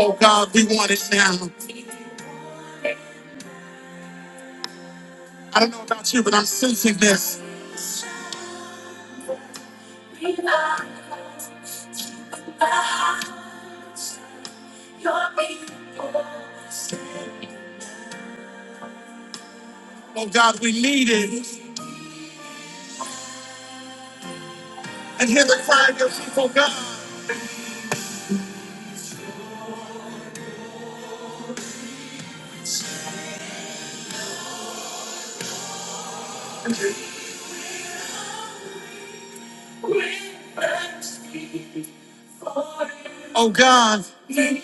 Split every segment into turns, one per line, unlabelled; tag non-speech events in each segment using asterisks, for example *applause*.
Oh God, we want it now. I don't know about you, but I'm sensing this. Oh God, we need it. And hear the cry of your people, God. Oh God. Come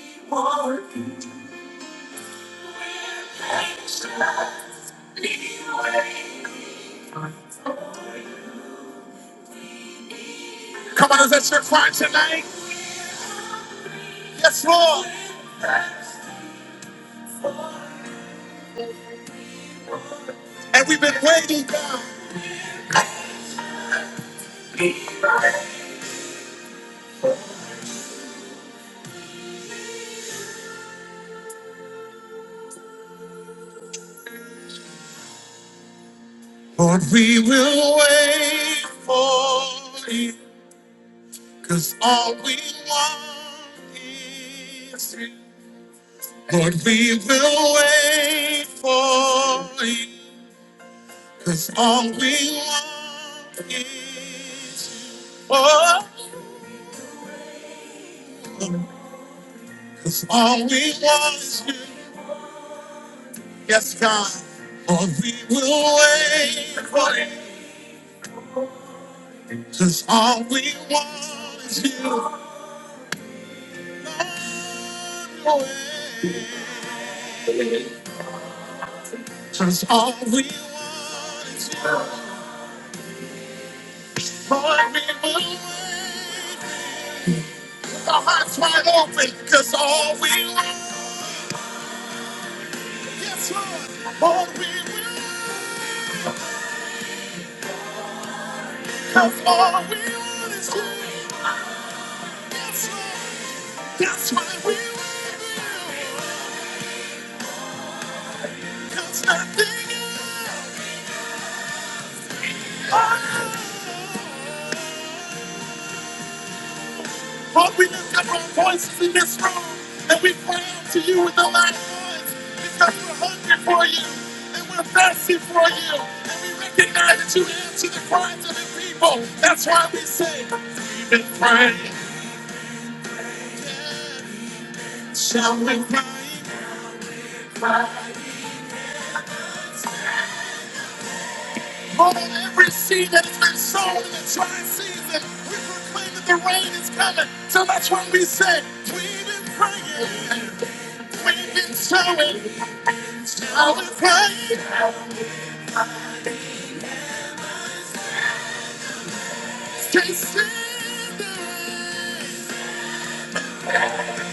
on, is that your cry tonight? Yes, Lord. And we've been waiting, God. Lord, we will wait for you. Cause all we want is you. Lord, we will wait for you. Cause all we want is you. Oh, cause all we want is you. Yes, God. Lord, we will wait for you. Cause all we want is you. Cause all we want is you. your glory. Keep Our hearts wide open, cause all we want, yes Lord, all we want, cause all we want is you, yes Lord, that's why we want, cause nothing else. Lord, we lift up our voices in this room and we cry out to you with a loud voice because we're hungry for you and we're thirsty for you and we recognize that you answer the cries of the people. That's why we say, We've been crying, shall we cry? On every seed that has been sown in the dry season, we proclaim that the rain is coming. So that's why we say, We've been praying, we've been sowing, shall we cry? Can't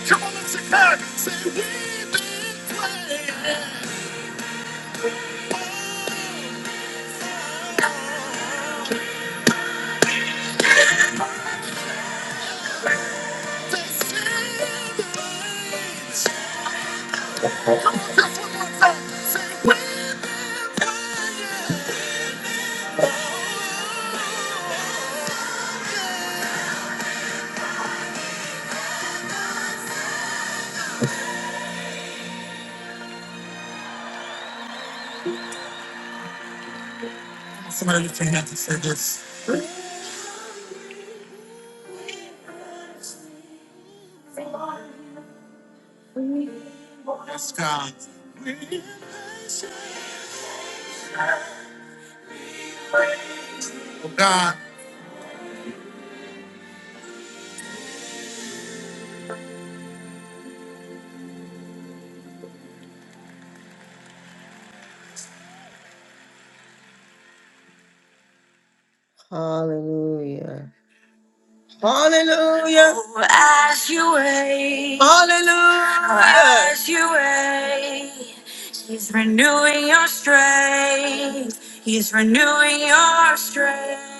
Come on, let's Chicago. Say we've been playing all day Sundays. Come on, just one more time. Say we've been playing. Somebody lift your hands and say this. Yes, God. Oh, God. Hallelujah. Hallelujah. Oh, As you wait. Hallelujah. As you wait. He's renewing your strength. He's renewing your strength.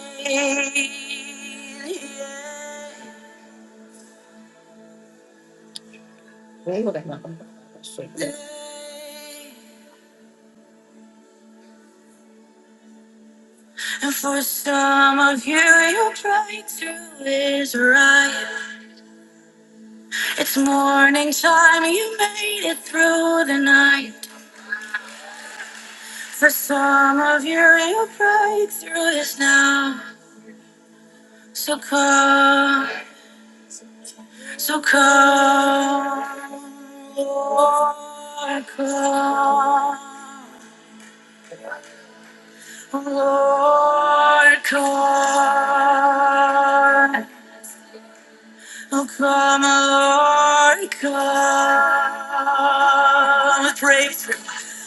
And for some of you, your breakthrough is right. It's morning time, you made it through the night. For some of you, you'll break through this now. So come, so come, Lord, come, Lord, come, oh come, Lord, come, breakthrough.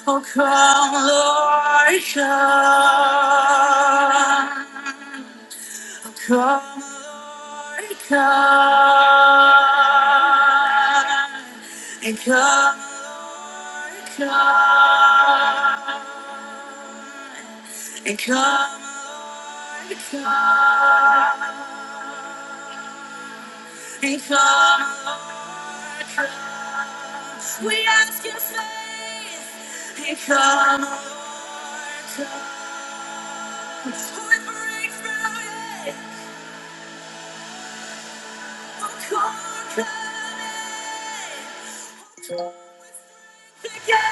Oh come, Lord, come. Come, Lord, come, and come, Lord, come, and come, Lord, come, and come, Lord, come. We ask your faith, and come, Lord, come. Who breaks barriers? Yeah.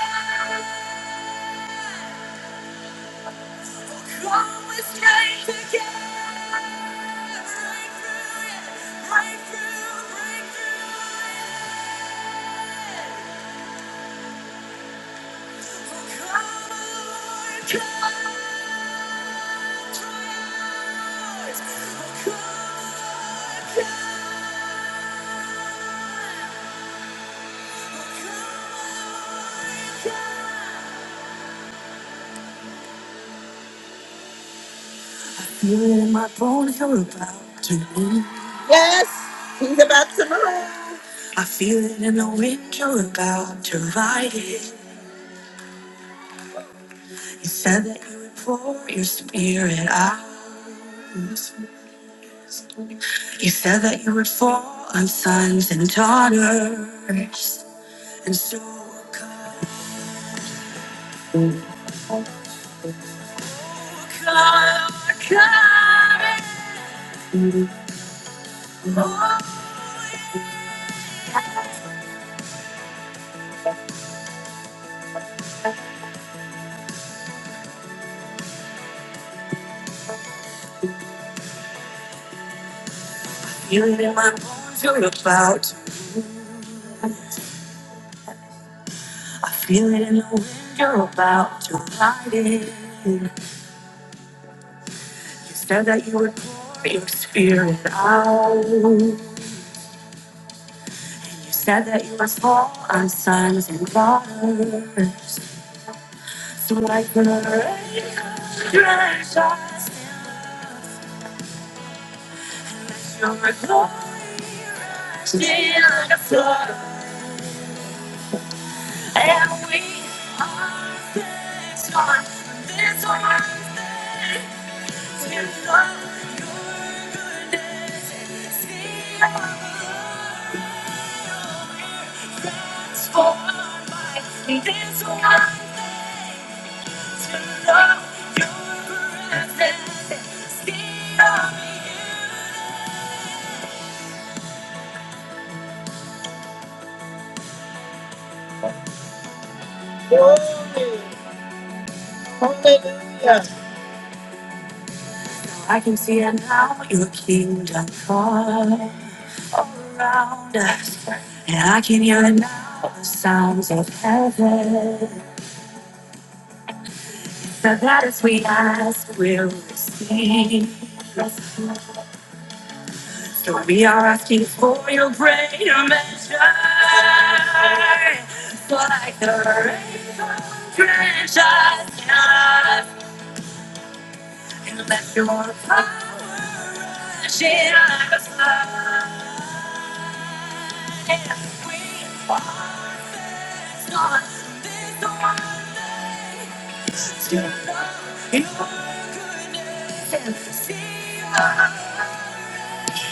You're my phone, you're about to move. Yes, he's about to move. I feel it in the wind, you're about to ride it. You said that you would pour your spirit out. You said that you would fall on sons and daughters. And so come, come, come. Feel it in my bones, you're about to I feel it in the wind, you're about to ride it. You said that you would pour your spirit out. You said that you would fall on sons and waters So like the rain, you're in the flood. And we are this one, this one, this one. Hallelujah. I can see it now, your kingdom come all around us. And I can hear it now, the sounds of heaven. So that as we ask, we'll receive. So we are asking for your greater measure. For like the rainbow drench us in us, and let your power rush in us. We are not this one to know your goodness and see us. The child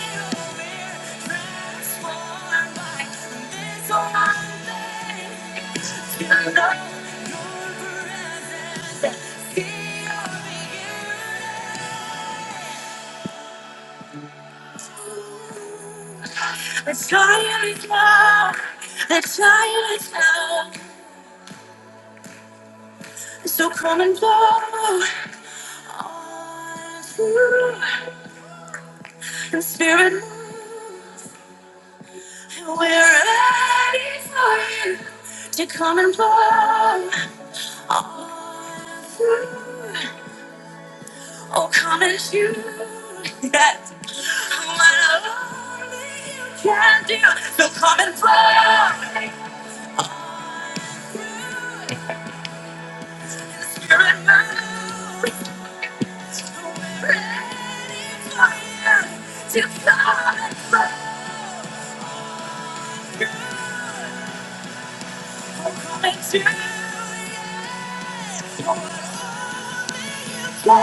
is love, the child is love, so come and go on through. And spirit move, We're ready for you to come and blow all through. Oh, come and shoot. Yes. What only you can do. So come and blow through. Spirit move. We're ready for you to come and blow. Come and shoot. Come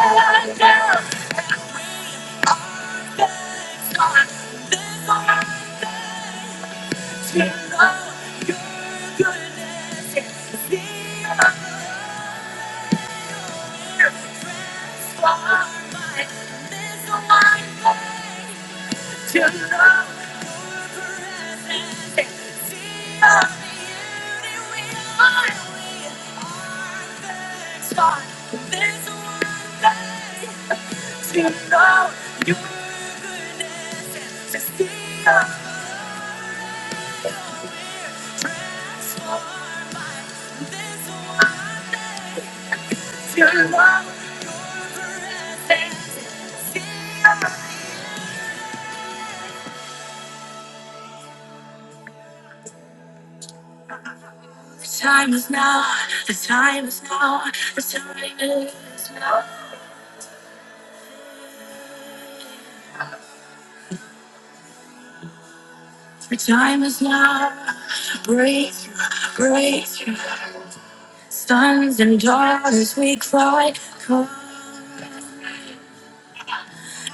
and blow. To love for forever. To see all the beauty we find. We are the next one. This one day, to know Your goodness and to see all Your miracles. To love for forever. The time is now. The time is now. The time is now. The time is now. Breakthrough, breakthrough. Sons and daughters, we cry, come.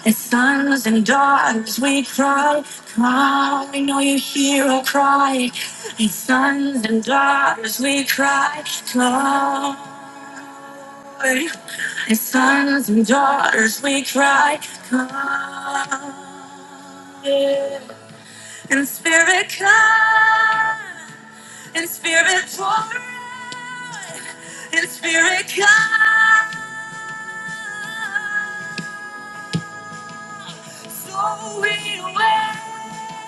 As sons and daughters, we cry, come. We know you hear our cry. As sons and daughters, we cry, come. And sons and daughters, we cry, come. And spirit, come. And spirit, pour out. And spirit, come. So we wait.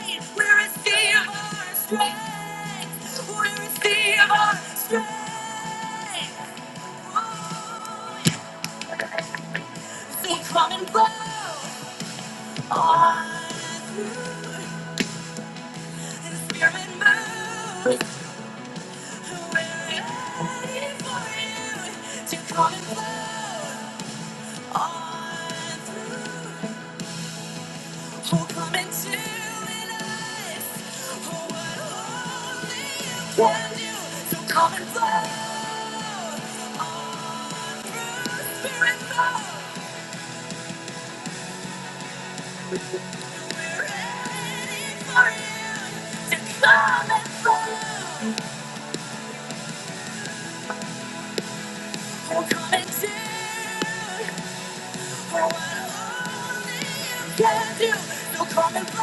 We receive our strength. We receive our strength. So come and blow. on through. Don't come and float on through. We're ready for you to come and float on through. For what only you can do. Don't come and float on through. We're ready for you to come and float on through. For what only you can do. Don't come and float.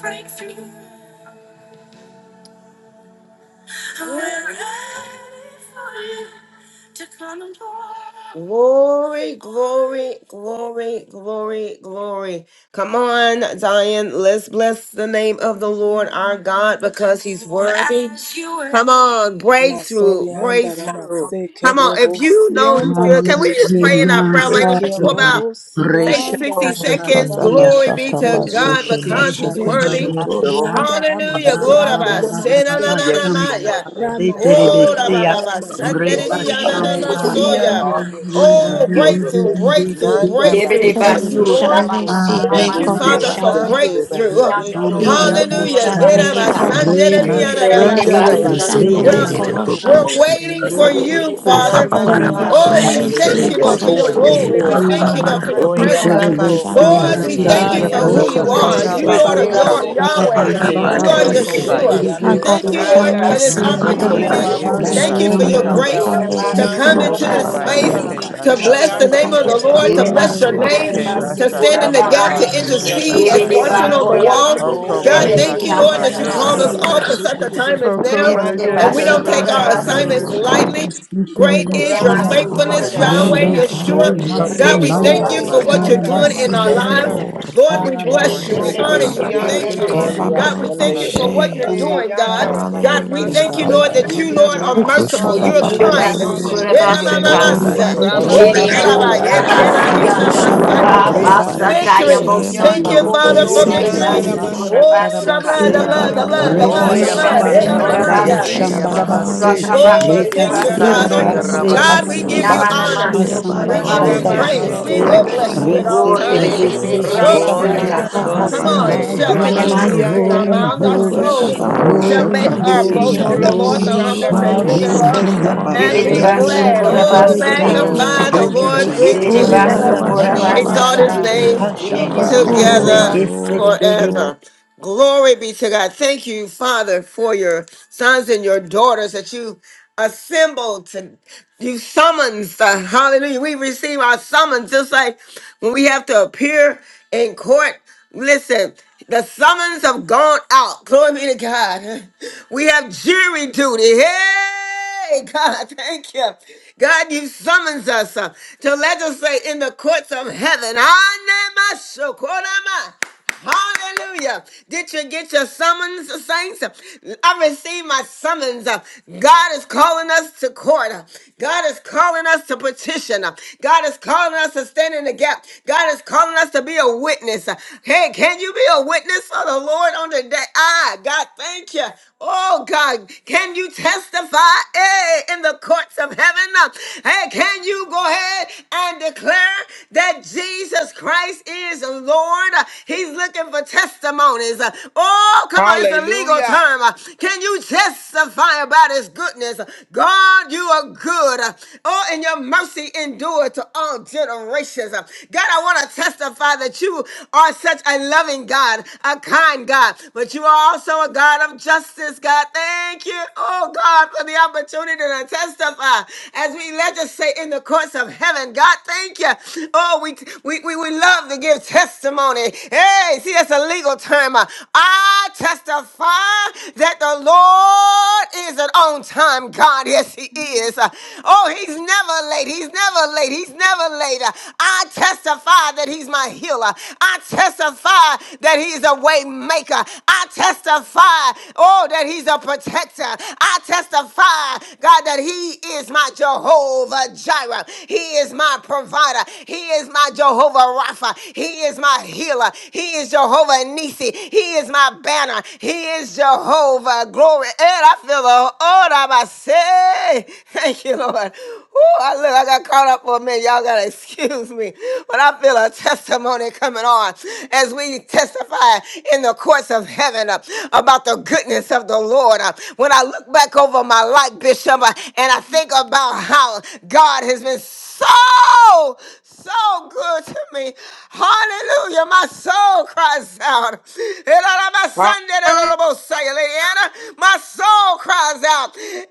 Breakthrough. Glory, glory, glory, glory, glory. Come on, Zion. Let's bless the name of the Lord our God because he's worthy. Come on, breakthrough,
Masorianda
breakthrough.
ramase ke
Come on,
robo
if you know He's
sianda
good, can we just
ramase
pray in
Hallelujah,
our prayer
eke
language
Father
for
God.
about,
robo
say,
sianda
60
Hallelujah.
seconds?
Shukanda
ramasanda
Reshatarabasiya,
Glory be
bashaka
to
ramase
Robo
God
basheke na
because
Sheha
he's
shokoba
worthy.
eshoto
yeke.
Sambasha,
yanda
In
Hallelujah.
Jesus'
Glory
name,
ramasanda
ba sena
ramase
na
Rababababababa
na na
ke
Yes,
we
Shamba,
na ya.
Lord. Thank you, Father
Oh, da
God.
ba
ramasorianda
Teterebeseya,
ba ba
ramase
sandere
Glory
Reba
to
di
ke
ya na
your
na
name,
na
Lord
Shamba.
so
God.
ya.
yando
pray
Oh,
Hallelujah.
boshande
that
breakthrough,
Yes,
breakthrough,
nanda
Teterebebebebebebebe,
breakthrough.
Nebede
Thank
basu,
you,
Teterebe,
basheke
Lord.
raba ba
yambo
ba ba
Thank you,
thank
Father,
basunde.
the
you.
for
Arababababababa,
mande
will
Riki
breakthrough.
be good
andoro
baseke
oso
yando
Hallelujah.
tora
Ambarabasa,
Era ba
bose
basaka.
sandere di
and
ya na
rebase,
na ba
Rebede
nanda
sa ya.
basi
Yes,
terebese,
andoro
ramaseke
We're,
Thank you,
comfortless, and
oso
we will not burn the
ko.
arabasa,
yorobo
fires,
we're
burn in the
waiting
fire of
for
the heathen,
you,
Nebede
roboshe,
Father.
basu
and we
kura
will
hasambara,
basu
Ramasanda
thank
Oh,
you,
baba,
we
ko.
thank
in
Jesus.
the
you,
baba,
Yes,
Lord, for
Ramaseke
baba,
family.
your
Lord. Yes,
glory. We
Reba
Yadobosha.
Lord.
ba
thank you,
ba
Lord,
ba
for
ba
your
irabashe,
ba
Oye,
ba
presence.
abaso,
terebese,
basu ko.
Ramasanda
Lord, we
Hallelujah.
thank you
hasakara,
ay,
for
baba,
ando
who
Ramase.
ya
you are.
Boshokanda
rebella,
You, Lord
Eke
of your
lasaka,
Nebasu
babasonde,
Romo
baba,
kura
Yahweh.
baba,
basu
eke
y
baba,
Tiana
You
ko
are
baba,
ando
Yes,
basu
si,
boshoko
Ramasan.
Lord.
ba
yere,
ko.
Yeshua.
y
Yes,
yeke
ando
Lord.
Thank
terebese,
you,
Shebede
Lord,
basata,
shakaya,
Danda
for this
basi
Yes,
y
reba,
andere
oko
kia
Ramaseke
ba
opportunity.
baba,
basuku,
mama
ko.
baba,
yeke
Thank you
Robosha.
sonde
for your
yere,
bashaka
samba,
y
thank you
grace
Jobede
bashi,
for this.
abaso,
to
basu
Ianda
come
kura
hasamba,
Hallelujah.
into
oko
this
ba
basu
space,
onde
Ramasanda
Thank you.
yeke
si,
to
y
bless
bashaka
ando
the
Rabatorianda
onde
name of the
Rabash.
yere,
Yes,
bashaka,
y
Lord, to
Yere
Thank
bless your
basu
babasoya,
terebese,
name,
kure
eke
Mm.
basu
to
terebese,
stand
kure
a
in
bashaka
the
ba
gap,
ba
bahaya.
to
amando ya
arababa,
keke
yes,
intercede as
baba,
Yebe de
bashaka,
rabase,
watching
baba,
on the
Orianda
bahoya.
wall.
oko
God,
Ramaseke
Lord.
you,
onde
thank
Rebeki
you,
arabashe,
si,
bashaka
Lord,
Yes,
ba
que
that
angara
you
ando
Robosiana
called
yeke.
ya
us
basu
Jesus.
all
Thank
kure.
for
terebese,
you,
Ramase.
rabasa,
such a
Lord.
time
terebese,
as now.
Debe de
Mando
And we
y
basu
don't
Glory
take
kure
Boshanda
to
our
amaso,
your
basu
name,
assignments
kure.
O
Ramase.
Hokobashekemasakabashi.
God.
lightly. Great is
Ine
your
We
Babasikerebesuya,
basu
Okoro
Lord.
faithfulness,
kure
Thank
Bashe
Ramasanda
you.
basu
Yahweh,
Bede
ka.
Rabase.
Hokobashekemasakabashi.
Bokosh.
Roboshere
Yeshua.
onde a
Thank you,
God, we
Rebe
sonde
de
Hasambaya,
thank you
yere,
Oh,
You
y
for
basu
what
get
you're
it
kure
abaso,
doing
basu
in our
Bokosh.
Yes,
thank you,
Hokobashekemasaka.
Arabasikerebe,
lives.
Lord.
Lord,
yandarabashandarabasa.
for
Lord, we
which
Rebe de
bless
water
you.
de
We
Osho
us, O
de
baba
honor
de
God.
you.
baba
We
kanda
de de
bara
Arabasherebesekerebe
thank
de
kanda
de
you.
buku
onde a
Robosiandaramasa.
kanda
Hasamba,
kure.
God,
şekeri.
we thank
sonde
you for
yere,
kanda.
y
what you're
Hallelujah.
Hasamba
Eh,
abaso,
doing, God.
Yes,
God,
Lord. Yes, Lord.
we
y
thank you,
Şababa
Lord,
Thank
Asha
kakaya,
that
you.
you,
kanda
Rebaboshe
Lord,
yandarabasandarabosoryanda.
are
buku
kanda
merciful.
Thank you,
You are
şababa
saka.
Yes,
De
yes,
bara
Hallelujah,
kind.
basu
Jesus.
buku.
You're
kure basu
hallelujah.
Eke
kind, O
ka.
Boru
manda
God.
Olia
bari
son
koko
de
bekeri
yes.
yere
manda
raba.
y
Chiriku
Thank you,
Omnipotent
Rabasandaramase,
kabashi.
rabasi
Jesus.
eh,
Buku
Lord,
yanda
şababa
mighty
buka
Oko
yandaramasi.
God.
bara
Yes,
bara
basa
manda
buku
ko-
yes.
taya
Victory.
şey.
bosa.
Thank you,
Hasamba
Father,
Thank you,
for
Rebe
Yese
de
Father.
victory.
basu
Thank
Hasamba
kereri.
you.
kure
Yandoboshoryandaramase.
Oh,
basu
the
koko
blood, the
Yera
Thank
Shatarabasea
manda
you,
blood,
The
the
baba
blood
blood,
Lord.
kaka.
the
of
bara
Reba
blood,
buku
the
Hoya
Jesus
şey.
Thank
blood.
you.
babas
Hit
Ramasandaramase,
on
ke
Thank
Oko
son de
you.
Satarababa
yeah.
manda
yere
Yelebesekerabasi,
y
robose.
Yekara
is
kaka
upon
bara buku
mata.
Shambarabase
yababase.
şey.
Oh,
Hallelujah.
Reta
thank
Y
you,
Oko
Yera
Rakabanderabasata,
Father.
manda
bara
Ramasandaramase,
buku
Satarabase
te
us.
nata
şey.
God,
yarabasi.
we
Hallelujah.
kanda
give you
Hasamba
nata.
Say,
yandarabosory.
honor.
Yera
Hasamba
We
We
bara
honor
give
Oh,
buku
you
your
Thank you,
şey.
Nabanamasokorabasaka,
name.
yes,
Jesus.
We
praise. We
Lord.
Ramasete
Shatarabasea
will
Thank
de
you,
glorify
bless
Jesus.
your
you at
name.
all
robosia.
Rese
Thank
times.
you,
We
Terebese
Lord.
Your
exalt your name,
Ondia
O
praise,
Yera
Oribebebebebesaka,
Rabasanda
son
God.
baba
de
come
Hasamba
Ramaseke.
on,
bara
yere
my
y
Hallelujah.
shall
buku
Because
şey.
you're
continue
glory,
to be
ababaso
worthy
in
to
Ianda
our
glory,
be
mouths.
Yes,
Our
Baba
Buku
Lord.
Ramasanda
glory,
Jumenemasbidebebebasaka,
souls
Yes,
Bashi.
O
şababa
Lord.
Ramasoro.
shall
bara
glory,
bara
make our
glory,
boast in the
Glory to
Ikoromo
Lord.
you.
glory.
Shokatukundanata.
The
Boru
humble
Shanda
shall
bara
Rebebebebebesoko,
Thank
hear
O
you,
Ramase.
buku
Jesus.
thereof
şekeri.
Hallelujah.
and
Yes, Jesus.
be
E
Kotikamanatata.
Rasha
Yanda
glad.
Hallelujah.
Oh,
Thank you,
Yekere
Yebedebasokorabasaka,
Ramasanda
buku
tarabaseya,
Oh,
şey.
magnify the
Jesus.
Rabasuri
thank you,
Yes,
Lord
Yanda
with
Rabas.
orobose
Jesus.
me.
Jesus.
Boru
You are
Let
bara
us
worthy,
tatatamba
God.
Hallelujah.
Isabababarabukushikiri.
exalt
Yebedebasokorabasaka,
his
shambaraba,
Rabashande
Thank
name
rabasta.
Sabababukoshabababarabuku. Orobaribikiraba. Bukoshabababarabukushe. Yesekiriri. Irabababarabukushe. Ikarabarabukushe. Irabarabukushe. Irabarabukushe. Irabababarabukushe.
Nobody
hashambaraba
Bukoshabababaraba. Orobarabukushikiri. Ikiriribukusha.
can do
you,
Glory,
se
together
Orobarabashababa.
Ha-
it.
Yedemukarabasaka.
Lord.
glory,
hesete de
glory.
forever. Glory be to God. Thank you, Father, for your sons and your daughters that you assembled to you summons. uh, hallelujah. We receive our summons just like when we have to appear in court. Listen, the summons have gone out. Glory be to God. We have jury duty. Hey, God, thank you. God, you summons us uh, to legislate in the courts of heaven. Anema Hallelujah. Did you get your summons, saints? I received my summons. God is calling us to court. God is calling us to petition. God is calling us to stand in the gap. God is calling us to be a witness. Hey, can you be a witness for the Lord on the day? Ah, God, thank you. Oh, God, can you testify hey, in the courts of heaven? Hey, can you? you go ahead and declare that Jesus Christ is Lord. He's looking for testimonies. Oh, come on, it's a legal
Hallelujah.
term. Can you testify about his goodness? God, you are good. Oh, and your mercy endure to all generations. God, I want to testify that you are such a loving God, a kind God, but you are also a God of justice, God. God. Thank you, oh God, for the opportunity to testify as we legislate in the courts of heaven. God, thank you. Oh, we we, we, we love to give testimony. Hey, see, that's a legal term. I testify that the Lord is an on time God. Yes, He is. Oh, He's never late. He's never late. He's never late. I testify that He's my healer. I testify that He's a way maker. I testify Oh, that he's a protector. I testify, God, that he is my Jehovah Jireh. He is my provider. He is my Jehovah Rapha. He is my healer. He is Jehovah Nisi. He is my banner. He is Jehovah glory. And I feel the oh, I say, *laughs* thank you, Lord. Ooh, I look, I got caught up for a minute. Y'all gotta *laughs* excuse me, but I feel a testimony coming on as we testify. Of course, when I look for my light, Bishop. about how oh so good to me. Hallelujah. My soul cries out. My
Hallelujah.
soul cries. My soul cries.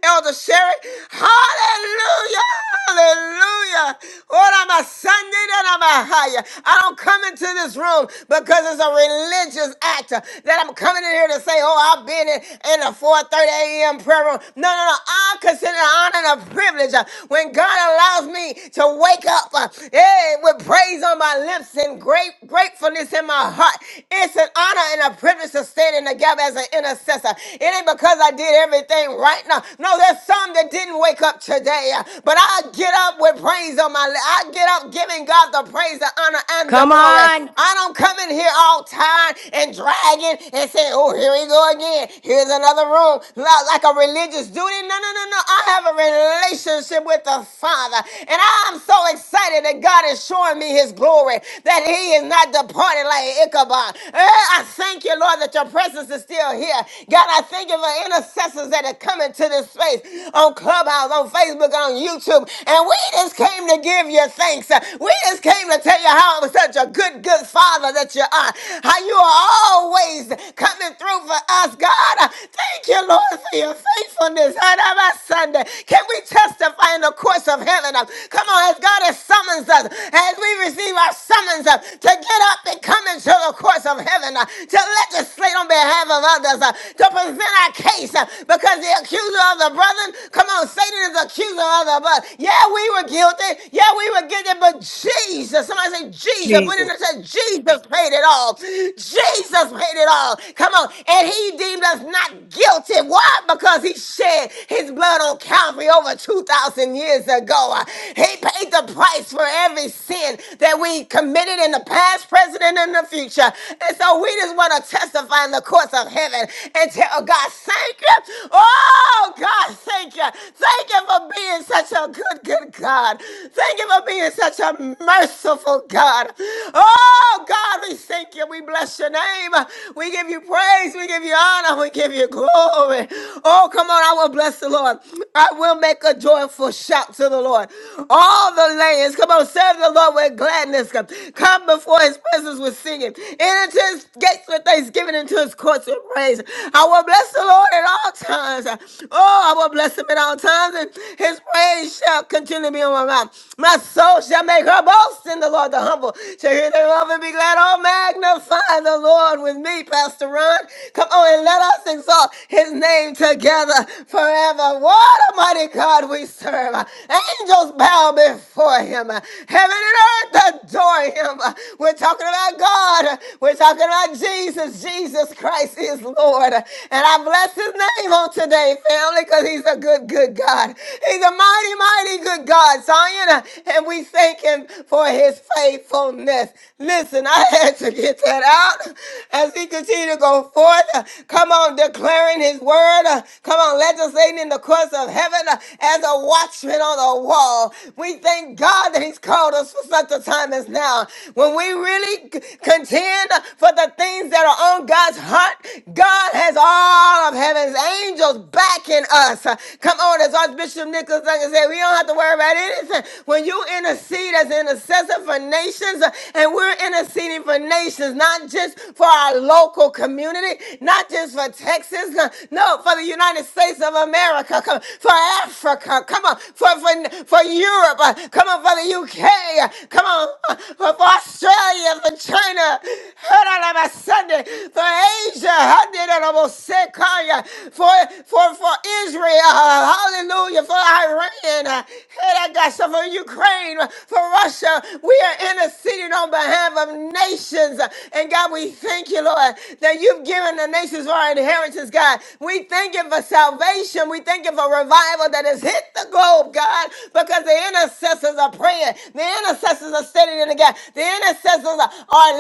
Hallelujah. Hallelujah. Ora masande da da mahaya. I don't come into this room because it's a religious act uh, that I'm coming in here to say, oh, I've been in, in the 4.30 a.m. prayer room. No, no, no. I consider it an honor and a privilege uh, when God allows me to wake up uh, eh, with praise on my lips and great gratefulness in my heart. It's an honor and a privilege to stand in the gap as an intercessor. It ain't because I did everything right right now. No, there's some that didn't wake up today, uh, but I get up with praise on my lips. I get up giving God the praise, the honor, and the
Come
glory.
on.
I don't come in here all tired and dragging and saying, oh, here we go again. Here's another room. Li- Like a religious duty. No, no, no, no. I have a relationship with the Father. And I'm so excited that God is showing me his glory, that he is not departed like Ichabod. Eh, I thank you, Lord, that your presence is still here. God, I thank you for intercessors that are coming to this space on Clubhouse, on Facebook, on YouTube. And we just came to give you thanks. We just came to tell you how I'm such a good, good father that you are. How you are always coming through for us. God, I thank you, Lord, for your faithfulness. On Sunday, can we testify in the courts of heaven? Come on, as God has summoned us, as we receive our summons uh, to get up and come into the courts of heaven, uh, to legislate on behalf of others, uh, to present our case uh, because the accuser of the brethren, come on, Satan is the accuser of the brethren. Yeah, we were guilty. Yeah, we were guilty, but Jesus, somebody say Jesus, but in
Jesus.
the church, Jesus paid it all. Jesus paid it all. Come on. And he deemed us not guilty. Why? Because he shed his blood on Calvary over 2,000 years ago ago. He paid the price for every sin that we committed in the past, present, and in the future. And so we just want to testify in the courts of heaven and tell God, thank you. Oh, God, thank you. Thank you for being such a good, good God. Thank you for being such a merciful God. Oh, God, we thank you. We bless your name. We give you praise. We give you honor. We give you glory. Oh, come on. I will bless the Lord. I will make a joyful shout to the Lord. All the lands, come on, serve the Lord with gladness. Come come before his presence with singing. Enter into his gates with thanksgiving, into his courts with praise. I will bless the Lord at all times. Oh, I will bless him at all times, and his praise shall continue to be on my mouth. My soul shall make her boast in the Lord. The humble shall hear thereof and be glad. Oh, magnify the Lord with me, Pastor Ron. Come on and let us exalt his his name together forever. What a mighty God we serve. Angels bow before him. Heaven and earth adore him. We're talking about God. We're talking about Jesus. Jesus Christ is Lord. And I bless his name on today, family, because he's a good, good God. He's a mighty, mighty good God, Zion. And we thank him for his faithfulness. Listen, I had to get that out as he continued to go forth. uh, Come on, declaring his word. uh, Come on, legislating in the courts of heaven uh, as a watchman on the wall. We thank God that he's called us for such a time as now. When we really c- contend for the things that are on God's heart, God has all of heaven's angels backing us. Uh, Come on, as Archbishop Nicholas Duncan said, we don't have to worry about anything. When you intercede as an intercessor for nations uh, and we're interceding for nations, nations, not just for our local community, not just for Texas, no, no, for the United States of America, come, for Africa, come on, for, for, for Europe, uh, come on, for the UK, uh, come on, uh, for, for Australia, for China, *laughs* hold on, i Sunday, for Asia, *laughs* I did it almost sick, huh, for, for, for Israel, uh, hallelujah, for Iran, uh, *laughs* hey, I got some for Ukraine, uh, for Russia, we are interceding on behalf of nations. And God, we thank you, Lord, that you've given the nations our inheritance, God. We thank you for salvation. We thank you for revival that has hit the globe, God, because the intercessors are praying. The intercessors are standing in the gap. The intercessors are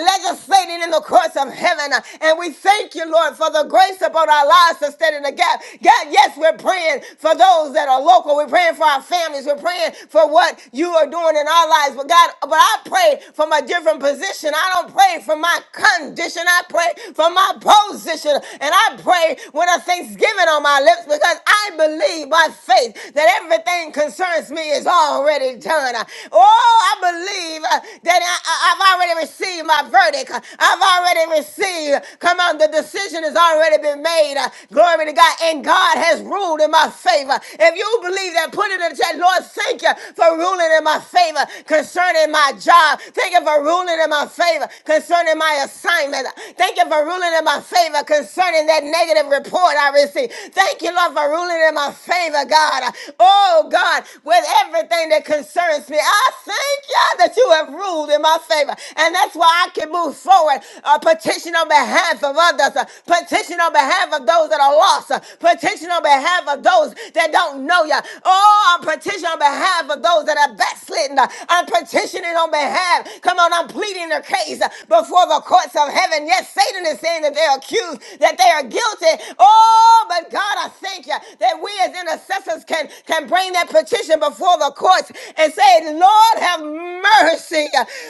legislating in the courts of heaven. And we thank you, Lord, for the grace upon our lives to stand in the gap. God, yes, we're praying for those that are local. We're praying for our families. We're praying for what what you are doing in our lives. But God, but I pray from a different position. I don't pray from my condition. I pray from my position. And I pray with a thanksgiving on my lips because I believe by faith that everything concerns me is already done. Oh, I believe uh, that I, I- I've already received my verdict. I've already received. Come on, the decision has already been made. Uh, Glory to God. And God has ruled in my favor. If you who believe that, put it in the chat. Lord, thank you for ruling in my favor concerning my job. Thank you for ruling in my favor concerning my assignment. Thank you for ruling in my favor concerning that negative report I received. Thank you, Lord, for ruling in my favor, God. Oh, God, with everything that concerns me, I thank you that you have ruled in my favor. And that's why I can move forward, uh, petition on behalf of others, uh, petition on behalf of those that are lost, uh, petition on behalf of those that don't know you. Oh, I'm petitioning on behalf of those that are backslidden. I'm petitioning on behalf. Come on, I'm pleading their case before the courts of heaven. Yes, Satan is saying that they're accused, that they are guilty. Oh, but God, I thank you that we as intercessors can, can bring that petition before the courts and say, Lord, have mercy.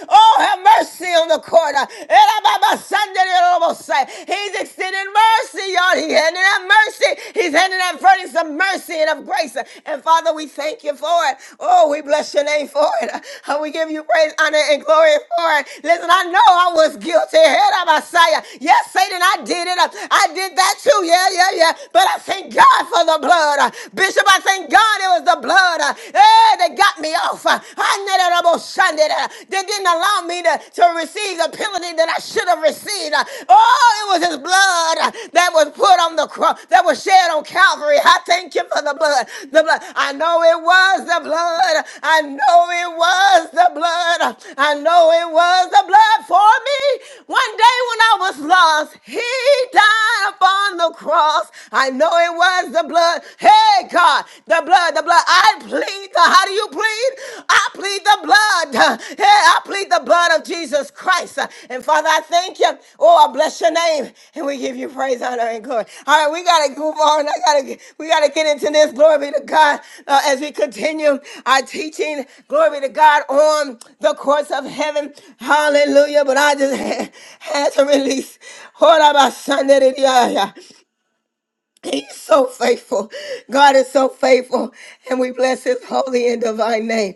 Oh, Oh, have mercy on the court. He's extending mercy, y'all. He's handing out mercy. He's handing out verdicts of mercy and of grace. And Father, we thank you for it. Oh, we bless your name for it. And we give you praise, honor, and glory for it. Listen, I know I was guilty. Messiah. Yes, Satan, I did it. I did that too. Yeah, yeah, yeah. But I thank God for the blood. Bishop, I thank God it was the blood. Hey, they got me off. I needed a Sunday. They didn't allow allowed me to, to receive the penalty that I should have received. Oh, it was his blood that was put on the cross, that was shed on Calvary. I thank you for the blood. The blood. I know it was the blood. I know it was the blood. I know it was the blood for me. One day when I was lost, he died upon the cross. I know it was the blood. Hey, God, the blood, the blood. I plead the, how do you plead? I plead the blood. Hey, I plead the blood blood of Jesus Christ. Uh, And Father, I thank you. *laughs* Honor and glory. All right, we gotta move on. I gotta we gotta get into this. Glory be to God. Uh, as we continue our teaching, glory be to God on the courts of heaven. Hallelujah. But I just *laughs* had, had to release. faithful. God is so faithful, and we bless his holy and divine name.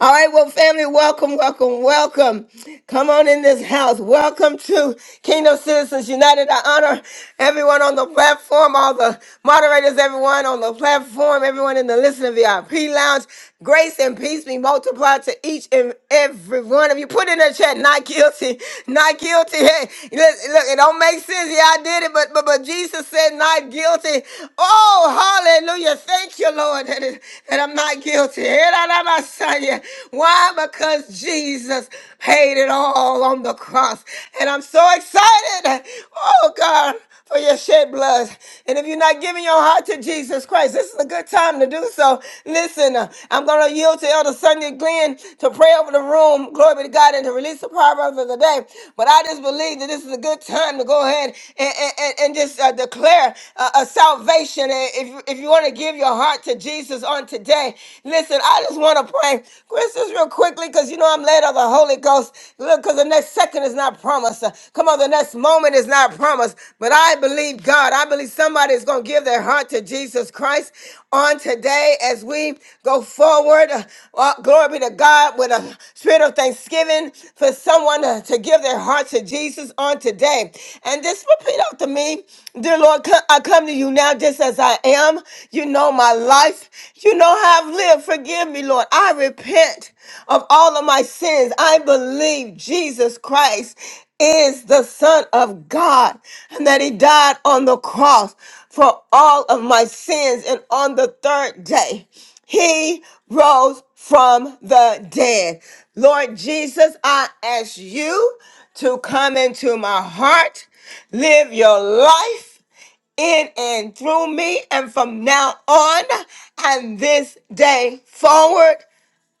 All right, well, family, welcome, welcome, welcome. Come on in this house. Welcome to Kingdom Citizens United. I honor everyone on the platform, all the moderators, everyone on the platform, everyone in the listening VIP lounge. Grace and peace be multiplied to each and every one of you. Put in the chat, not guilty, not guilty. *laughs* Hey, look, look, it don't make sense. Yeah, I did it, but but, but Jesus said, not guilty. Oh, hallelujah. Thank you, Lord, that, it, that I'm not guilty. Eh, da, da, ba, sa, yeah. Why? Because Jesus paid it all on the cross. And I'm so excited. Oh, God for your shed blood. And if you're not giving your heart to Jesus Christ, this is a good time to do so. Listen, uh, I'm going to yield to Elder Sonia Glenn to pray over the room. Glory be to God and to release the proverb of the day. But I just believe that this is a good time to go ahead and, and, and- and just uh, declare uh, a salvation. And if, you- if you want to give your heart to Jesus on today, listen, I just want want to pray? Chris, just real quickly, because you know I'm led of the Holy Ghost. Look, because the next second is not promised. Uh, Come on, the next moment is not promised. But I believe God. I believe somebody is going to give their heart to Jesus Christ on today as we go forward. Uh, uh, glory be to God with a spirit of thanksgiving for someone to, to give their heart to Jesus on today. And just repeat after me, dear Lord, co- I come to you now just as I am. You know my life. You know how I've lived. Forgive me, Lord. I repent of all of my sins. I believe Jesus Christ is the Son of God and that He died on the cross for all of my sins and on the third day. He rose from the dead. Lord Jesus, I ask you to come into my heart, live your life in and through me, and from now on and this day forward.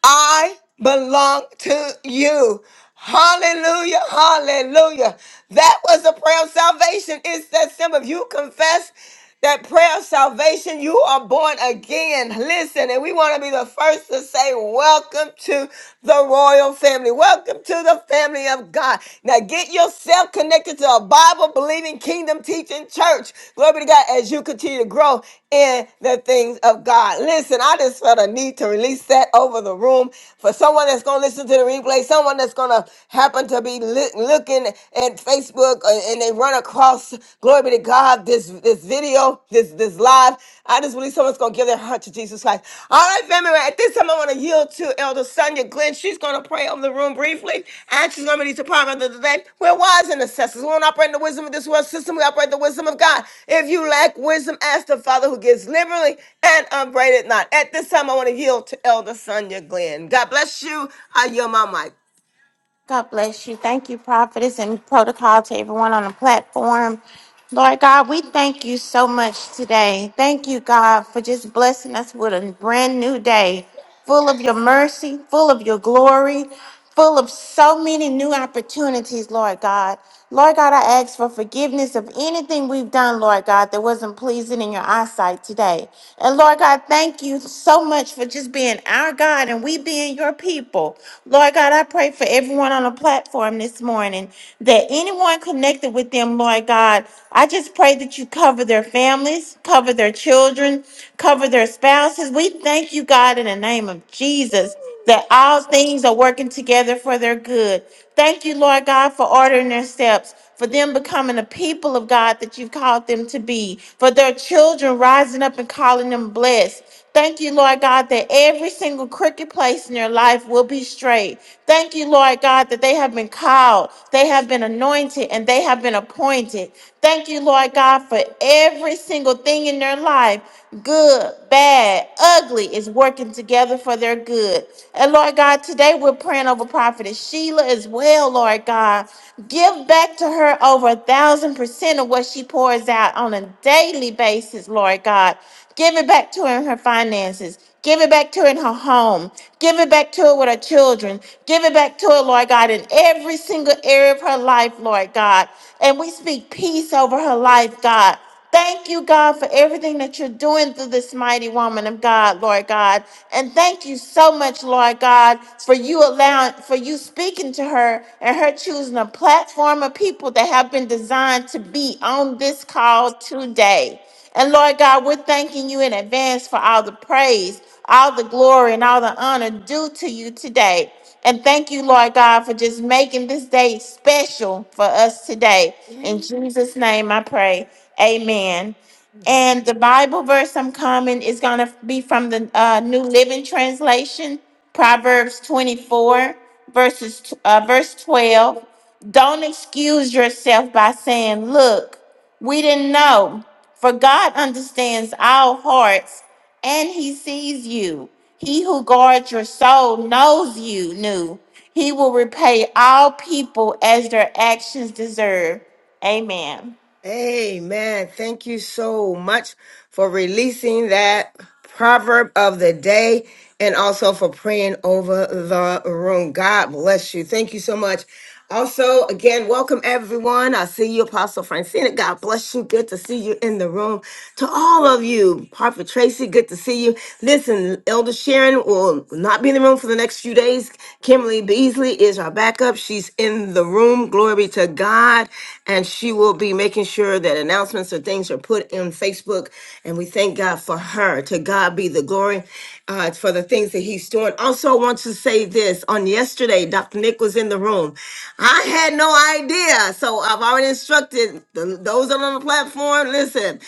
I belong to you. Hallelujah, hallelujah. That was the prayer of salvation. It's that simple. If you confess that prayer of salvation, you are born again. Listen, and we want to be the first to say, Welcome to the royal family. Welcome to the family of God. Now get yourself connected connected to a Bible believing, kingdom teaching church. Glory be to God as you continue to grow in the things of God. Listen, I just felt a need to release that over the room for someone that's going to listen to the replay, someone that's going to happen to be li- looking at Facebook uh, and they run across, glory be to God, this, this video, this, this live. I just release someone someone's going to give their heart to Jesus Christ. All right, family, well, at this time, I want to yield to Elder Sonia Glenn. She's going to pray over the room briefly, and she's going to release the proverb of the day. We're wise intercessors. We do not operate in the wisdom of this world system. We operate in the wisdom of God. If you lack wisdom, ask the Father who gives liberally and upbraided not. At this time, I want to yield to Elder Sonia Glenn. God bless you. I yield my mic.
God bless you. Thank you, prophetess and protocol to everyone on the platform. Lord God, we thank you so much today. Thank you, God, for just blessing us with a brand new day full of your mercy, full of your glory, full of so many new opportunities, Lord God. Lord God, I ask for forgiveness of anything we've done, Lord God, that wasn't pleasing in your eyesight today. And Lord God, thank you so much for just being our God and we being your people. Lord God, I pray for for everyone on the platform this morning, that anyone connected with them, Lord God, I just pray that you cover their families, cover their children, cover their spouses. We thank you, God, in the name of Jesus, that all things are working together for their good. Thank you, Lord God, for ordering their steps, for them becoming the people of God that you've called them to be, for their children rising up and calling them blessed. Thank you, Lord God, that every single crooked place in their life will be straight. Thank you, Lord God, that they have been called, they have been anointed, and they have been appointed. Thank you, Lord God, for every single thing in their life good, bad, ugly is working together for their good. And Lord God, today we're praying over Prophetess Sheila as well, Lord God. Give back to her over a thousand percent of what she pours out on a daily basis, Lord God. Give it back to her in her finances. Give it back to her in her home. Give it back to her with her children. Give it back to her, Lord God, in every single area of her life, Lord God. And we speak peace over her life, God. Thank you, God, for everything that you're doing through this mighty woman of God, Lord God. And thank you so much, Lord God, for you allowing, for you speaking to her and her choosing a platform of people that have been designed to be on this call today. And Lord God, we're thanking you in advance for all the praise, all the glory, and all the honor due to you today. And thank you, Lord God, for just making this day special for us today. In Jesus' name I pray. Amen. And the Bible verse I'm coming is going to be from the uh, New Living Translation, Proverbs 24, verses, uh, verse 12. Don't excuse yourself by saying, Look. We didn't know. For God understands our hearts and he sees you. He who guards your soul knows you knew. He will repay all people as their actions deserve. Amen.
Amen. Thank you so much for releasing that proverb of the day and also for praying over the room. God bless you. Thank you so much. Also, again, welcome everyone. I see you, Apostle Francina. God bless you. Good to see you in the room. To all of you, Prophet Tracy, good to see you. Listen, Elder Sharon will not be in the room for the next few days praise. Kimberly Beasley is our backup. She's in the room. Glory to God. And she will be making sure that announcements or things are put in Facebook. And we thank God for her. To God be the glory uh, for the things that he's doing. Also, want to say this on yesterday, Dr. Nick was in the room. I had no idea. So I've already instructed the, those on the platform. Listen,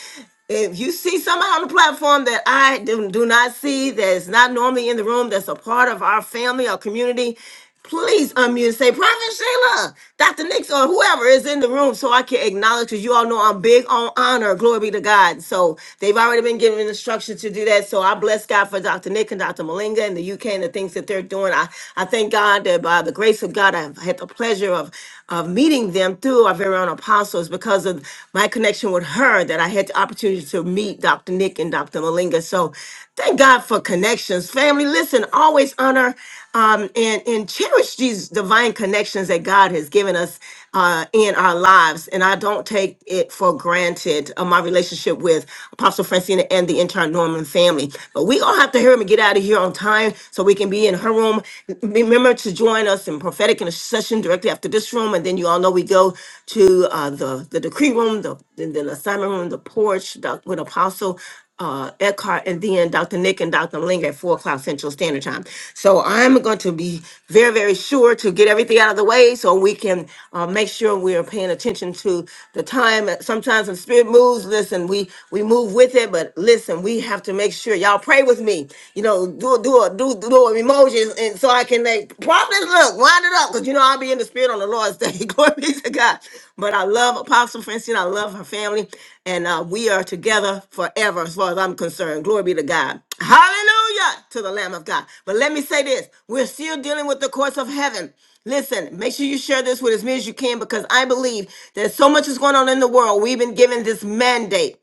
if you see somebody on the platform that I do, do not see, that's not normally in the room, that's a part of our family or community, please unmute and say, Prophet Sheila, Dr. Nix, or whoever is in the room so I can acknowledge because you all know I'm big on honor. Glory be to God. So they've already been given instructions to do that. So I bless God for Dr. Nick and Dr. Malinga and the UK and the things that they're doing. I, I thank God that by the grace of God, I've had the pleasure of, of meeting them through our very own apostle, it's because of my connection with her that I had the opportunity to meet Dr. Nick and Dr. Malinga. So thank God for connections. Family, listen, always honor um, and, and cherish these divine connections that God has given us uh, in our lives. And I don't take it for granted, uh, my relationship with Apostle Francina and the entire Norman family. But we all have to hurry and get out of here on time so we can be in her room. Remember to join join us in prophetic intercession directly after this room. And then you all know we go to uh, the, the decree room, the, then the assignment room, the porch doc, with Apostle uh, Eckhart, and then Dr. Nick and Dr. Ling at 4 o'clock Central Standard Time. So I'm going to be very, very sure to get everything out of the way so we can uh, make sure we are paying attention to the time. Sometimes when spirit moves, listen, we, we move with it, but listen, we have to make sure y'all pray with me you know, do a do a, do do emotions, and so I can like probably look wind it up because you know I'll be in the spirit on the Lord's day. *laughs* Glory be to God. But I love Apostle Francine. I love her family, and uh, we are together forever, as far as I'm concerned. Glory be to God. Hallelujah to the Lamb of God. But let me say this: we're still dealing with the courts of heaven. Listen, make sure you share this with as many as you can because I believe that so much is going on in the world. We've been given this mandate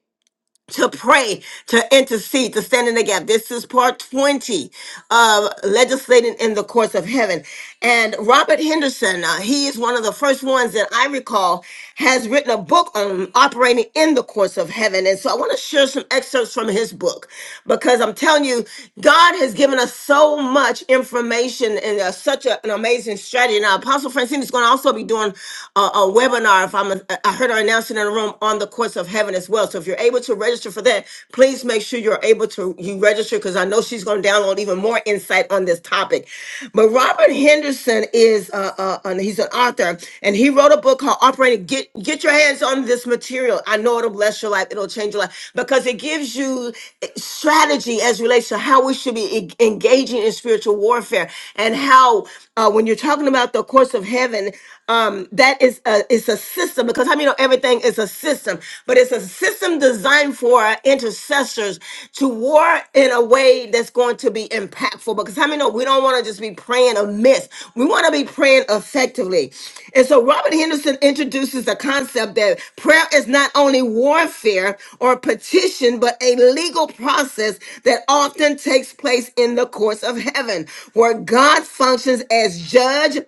to pray, to intercede, to stand in the gap. This is part 20 of legislating in the courts of heaven. And Robert Henderson, uh, he is one of the first ones that I recall has written a book on operating in the courts of heaven. And so I want to share some excerpts from his book because I'm telling you, God has given us so much information and uh, such a- an amazing strategy. Now, Apostle Francine is going to also be doing a, a webinar. If I'm, uh, I heard her announcing in the room on the courts of heaven as well. So if so if you're able to register for that, please make sure you're able to you register because I know she's going to download even more insight on this topic. But Robert Henderson is uh, uh, an- he's an author and he wrote a book called Operating. Get get your hands on this material. I know it'll bless your life. It'll change your life because it gives you eh, strategy as relates to how we should be e- engaging in spiritual warfare and how uh, when you're talking about the course of heaven, um, that is a, is a system because how I many know everything is a system, but it's a system designed for our intercessors to war in a way that's going to be impactful. Because how I many know we don't want to just be praying amiss, we want to be praying effectively. And so Robert Henderson introduces the concept that prayer is not only war warfare or petition, but a legal process that often takes place in the courts of heaven, where God functions as judge,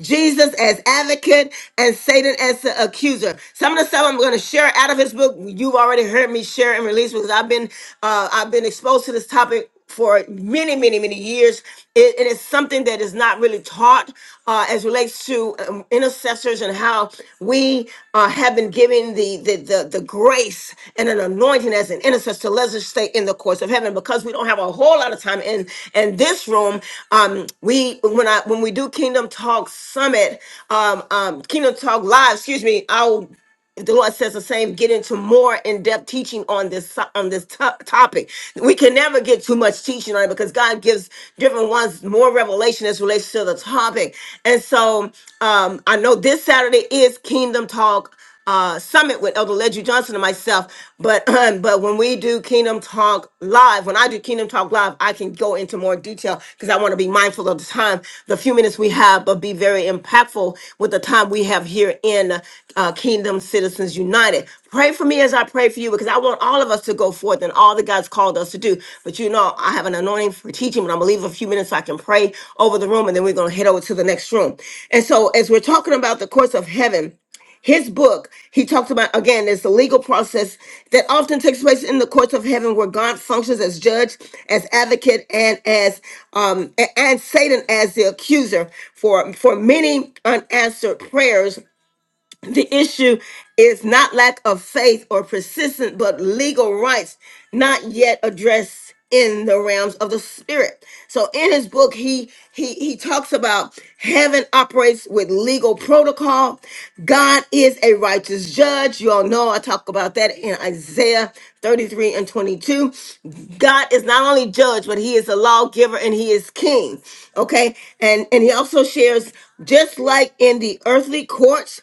Jesus as advocate, and Satan as the accuser. Some of the stuff I'm going to share out of his book, you've already heard me share and release because I've been uh, I've been exposed to this topic for many, many, many years. It, it is something that is not really taught uh, as relates to um, intercessors and how we uh, have been given the, the the the grace and an anointing as an intercessor. Let us just stay in the course of heaven because we don't have a whole lot of time in in this room. Um, we when I when we do Kingdom Talk Summit, um, um, Kingdom Talk Live, excuse me, I'll the Lord says the same. Get into more in-depth teaching on this so- on this to- topic. We can never get too much teaching on it because God gives different ones more revelation as relates to the topic. And so um, I know this Saturday is Kingdom Talk uh, Summit with Elder Ledger Johnson and myself. But *clears throat* but when we do Kingdom Talk Live, when I do Kingdom Talk Live, I can go go into more detail because I want to be mindful of the time, the few minutes we have, but be very impactful with the time we have here in uh, Kingdom Citizens United. Pray for me as I pray for you because I want all of us to go forth and all that God's called us to do. But you know, I have an anointing for teaching, but I'm going to leave a few minutes so I can pray over the room and then we're going to head over to the next room. And so, as we're talking about the courts of heaven, his book, he talks about again, is the legal process that often takes place in the courts of heaven where God functions as judge, as advocate, and as um a- and Satan as the accuser for for many unanswered prayers the issue is not lack of faith or persistence, but legal rights not yet addressed in the realms of the spirit. So in his book, he he he talks about heaven operates with legal protocol. God is a righteous judge. You all know I talk about that in Isaiah 33 and 22. God is not only judge, but he is a lawgiver and he is king. Okay. And and he also shares just like in the earthly courts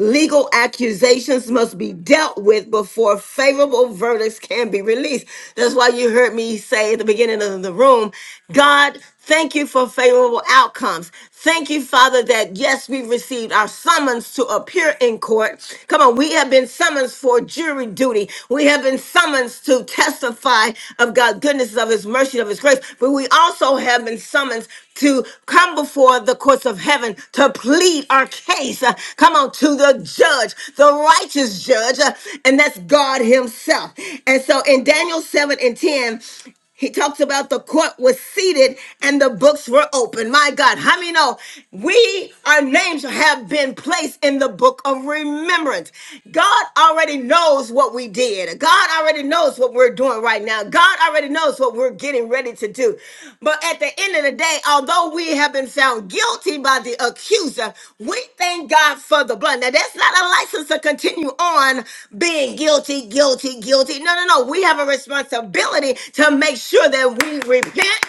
Legal accusations must be dealt with before favorable verdicts can be released. That's why you heard me say at the beginning of the room, God, thank you for favorable outcomes. Thank you, Father, that yes, we've received our summons to appear in court. Come on, we have been summoned for jury duty. We have been summoned to testify of God's goodness, of His mercy, of His grace prayers, but we also have been summoned to come before the courts of heaven to plead our case. Uh, come on, to the judge, the righteous judge, uh, and that's God Himself. And so in Daniel 7 and 10, he talks about the court was seated and the books were open. My God, how many know we, our names have been placed in the book of remembrance? remembrance. God already knows what we did. God already knows what we're doing right now. God already knows what we're getting ready to do. But at the end of the day, although we have been found guilty by the accuser, we thank God for the blood. Now, that's not a license to continue on being guilty, guilty, guilty. No, no, no. We have a responsibility to make sure that we repent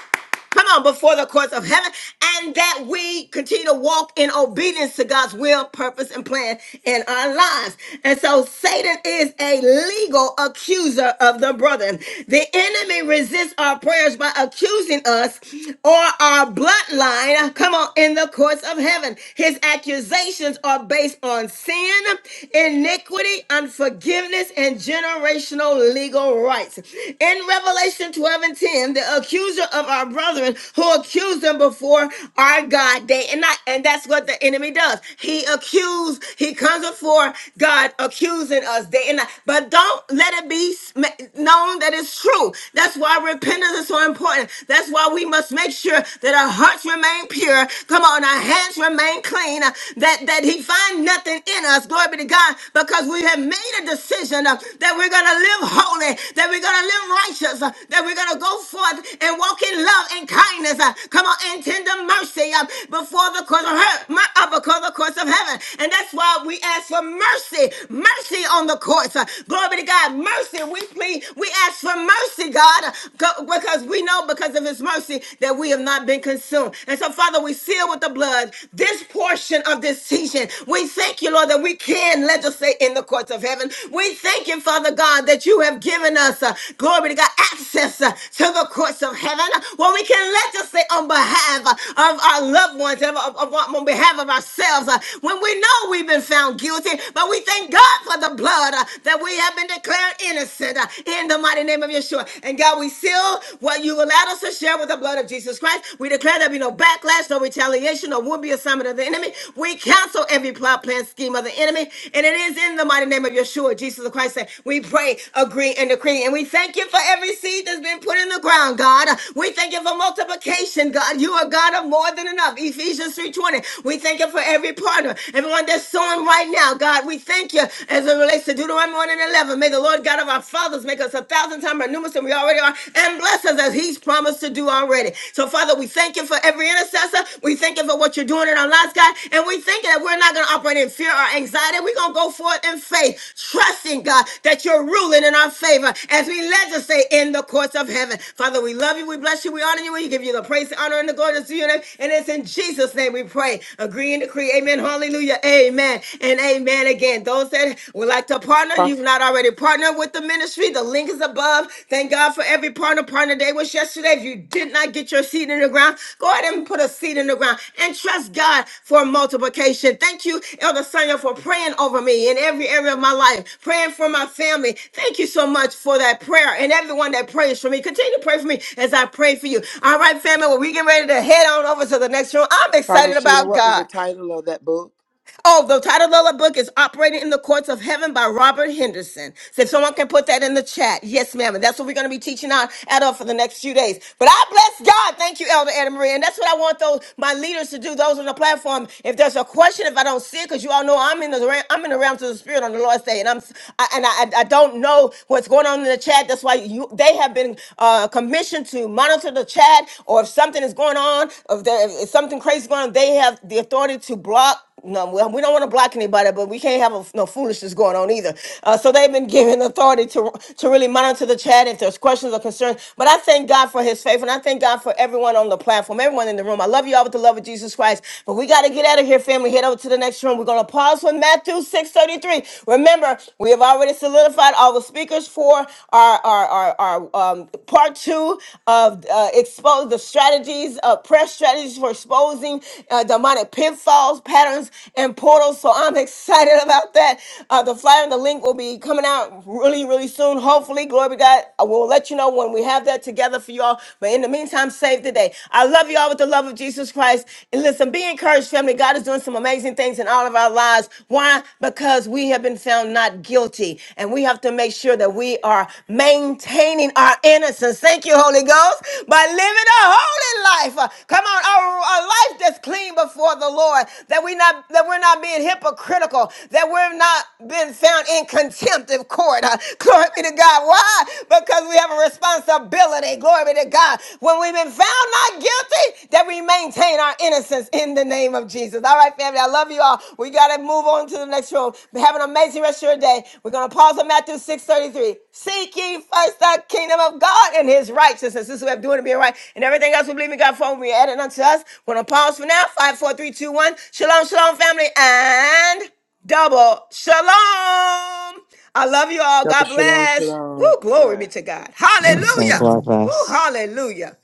come on, before the courts of heaven, and that we continue to walk in obedience to God's will, purpose, and plan in our lives. And so Satan is a legal accuser of the brethren. The enemy resists our prayers by accusing us or our bloodline, come on, in the courts of heaven. His accusations are based on sin, iniquity, unforgiveness, and generational legal rights. Israelites. In Revelation 12 and 10, the accuser of our brethren who accused them before our God day and night. And that's what the enemy does. He accused, he comes before God accusing us day and night. But don't let it be sm- known that it's true. That's why repentance is so important. That's why we must make sure that our hearts remain pure. Come on, our hands remain clean. uh, That, that he find nothing in us. Glory be to God because we have made a decision uh, that we're going to live holy, that we're going to live righteous, uh, that we're going to go forth and walk in love and kindness. uh, Come on, and tender mercy uh, before the course of her, my, uh, before the course of heaven. And that's why we ask for mercy, mercy on the courts. uh, Glory be to God, mercy. We plead, we ask for mercy, God, uh, go- because we know because of His mercy that we have not been consumed. And so, Father, we seal with the blood this portion of this season. We thank you, Lord, that we can legislate in the courts of heaven. We thank you, Father God, that you have given us, uh, glory to God, access uh, to the courts of heaven where we can legislate on behalf uh, of our loved ones, of, of- of- on behalf of ourselves, uh, when we know we've been found guilty. But we thank God for the blood uh, that we have been declared innocent uh, in the mighty name of Yeshua. And God, we seal what you allowed us to share with the blood of Jesus of Jesus Christ. We declare there be no backlash, no retaliation, no would be assignment of the enemy. We cancel every plot, plan, scheme of the enemy. And it is in the mighty name of Yeshua, Jesus of Christ, that we pray, agree, and decree. And we thank you for every seed that's been put in the ground, God. We thank you for multiplication, God. You are God of more than enough. Ephesians 3.20. We thank you for every partner, everyone that's sowing right now, God. We thank you as it relates to Deuteronomy 1 and 11. May the Lord God of our fathers make us a thousand thousand times, or numerous than we already are, and bless us as He's promised to do already. So, Father, we thank you for every intercessor. We thank you for what you're doing in our lives, God. And we thank you that we're not going to operate in fear or anxiety. We're going to go forth in faith, trusting, God, that you're ruling in our favor as we legislate in the courts of heaven. Father, we love you. We bless you. We honor you. We give you the praise, the honor, and the glory that's due your name. And it's in Jesus' name we pray. Agree and decree. Amen. Hallelujah. Amen. And amen again. Those that would like to partner,
Pro-
you've not already partnered with the ministry, the link is above. Thank God for every partner. Partner day was yesterday. If you did not get your seed in the ground, go ahead and put a seed in the ground and trust God for multiplication. Thank you, Elder Sonia, for praying over me in every area of my life, praying for my family. Thank you so much for that prayer and everyone that prays for me. Continue to pray for me as I pray for you. All right, family, well, we get ready to head on over to the next room. I'm
Prophet
excited
Sheila,
about
what was the
God.
title of that book?
Oh, the title of the book is Operating in the Courts of Heaven by Robert Henderson. So if someone can put that in the chat. Yes, ma'am. And that's what we're going to be teaching on at up for the next few days. But I bless God. Thank you, Elder Anna Maria. And that's what I want those my leaders to do, those on the platform. If there's a question, if I don't see it, because you all know I'm in the ra- I'm in the realms of the spirit on the Lord's day. And I'm I, and I, I don't know what's going on in the chat. That's why you they have been uh, commissioned to monitor the chat, or if something is going on, if, there, if something crazy is going on, they have the authority to block no, we we don't want to block anybody, but we can't have a, no foolishness going on either. Uh, so they've been given authority to to really monitor the chat if there's questions or concerns. But I thank God for His faith, and I thank God for everyone on the platform, everyone in the room. I love you all with the love of Jesus Christ. But we got to get out of here, family. Head over to the next room. We're gonna pause for Matthew six thirty three. Remember, we have already solidified all the speakers for our our our, our um, part two of uh, uh, expose the strategies, uh, prayer strategies for exposing uh, demonic pitfalls, patterns, and portals. So I'm *laughs* excited about that. Uh, the flyer and the link will be coming out really, really soon. Hopefully, glory be to God. I will let you know when we have that together for y'all. But in the meantime, save the day. I love y'all with the love of Jesus Christ. And listen, be encouraged, family. God is doing some amazing things in all of our lives. Why? Because we have been found not guilty guilty. And we have to make sure that we are maintaining our innocence. Thank you, Holy Ghost, by living a holy life. Uh, Come on, our, our life that's clean before the Lord. That we not that we're not being hypocritical. That we're not being found in contempt of court. *laughs* Uh, Glory be to God. Why? Because we have a responsibility. Glory be to God. When we've been found not guilty, that we maintain our innocence in the name name of Jesus. All right, family. I love you all. We got to move on to the next room. Have an amazing rest of your day. We're going to pause on Matthew 6.33. Seek ye first the kingdom of God and his righteousness. This is what we're doing to be right. And everything else we believe in God for, we add it unto us. We're going to pause for now. Five, four, three, two, one. Shalom, shalom, family. And double shalom. I love you all.
Double
God
Shalom
bless. Woo,
Shalom.
God
glory
bless.
be to God.
And
Shalom,
so
Hallelujah.
shalom.
love
Woo,
us.
hallelujah.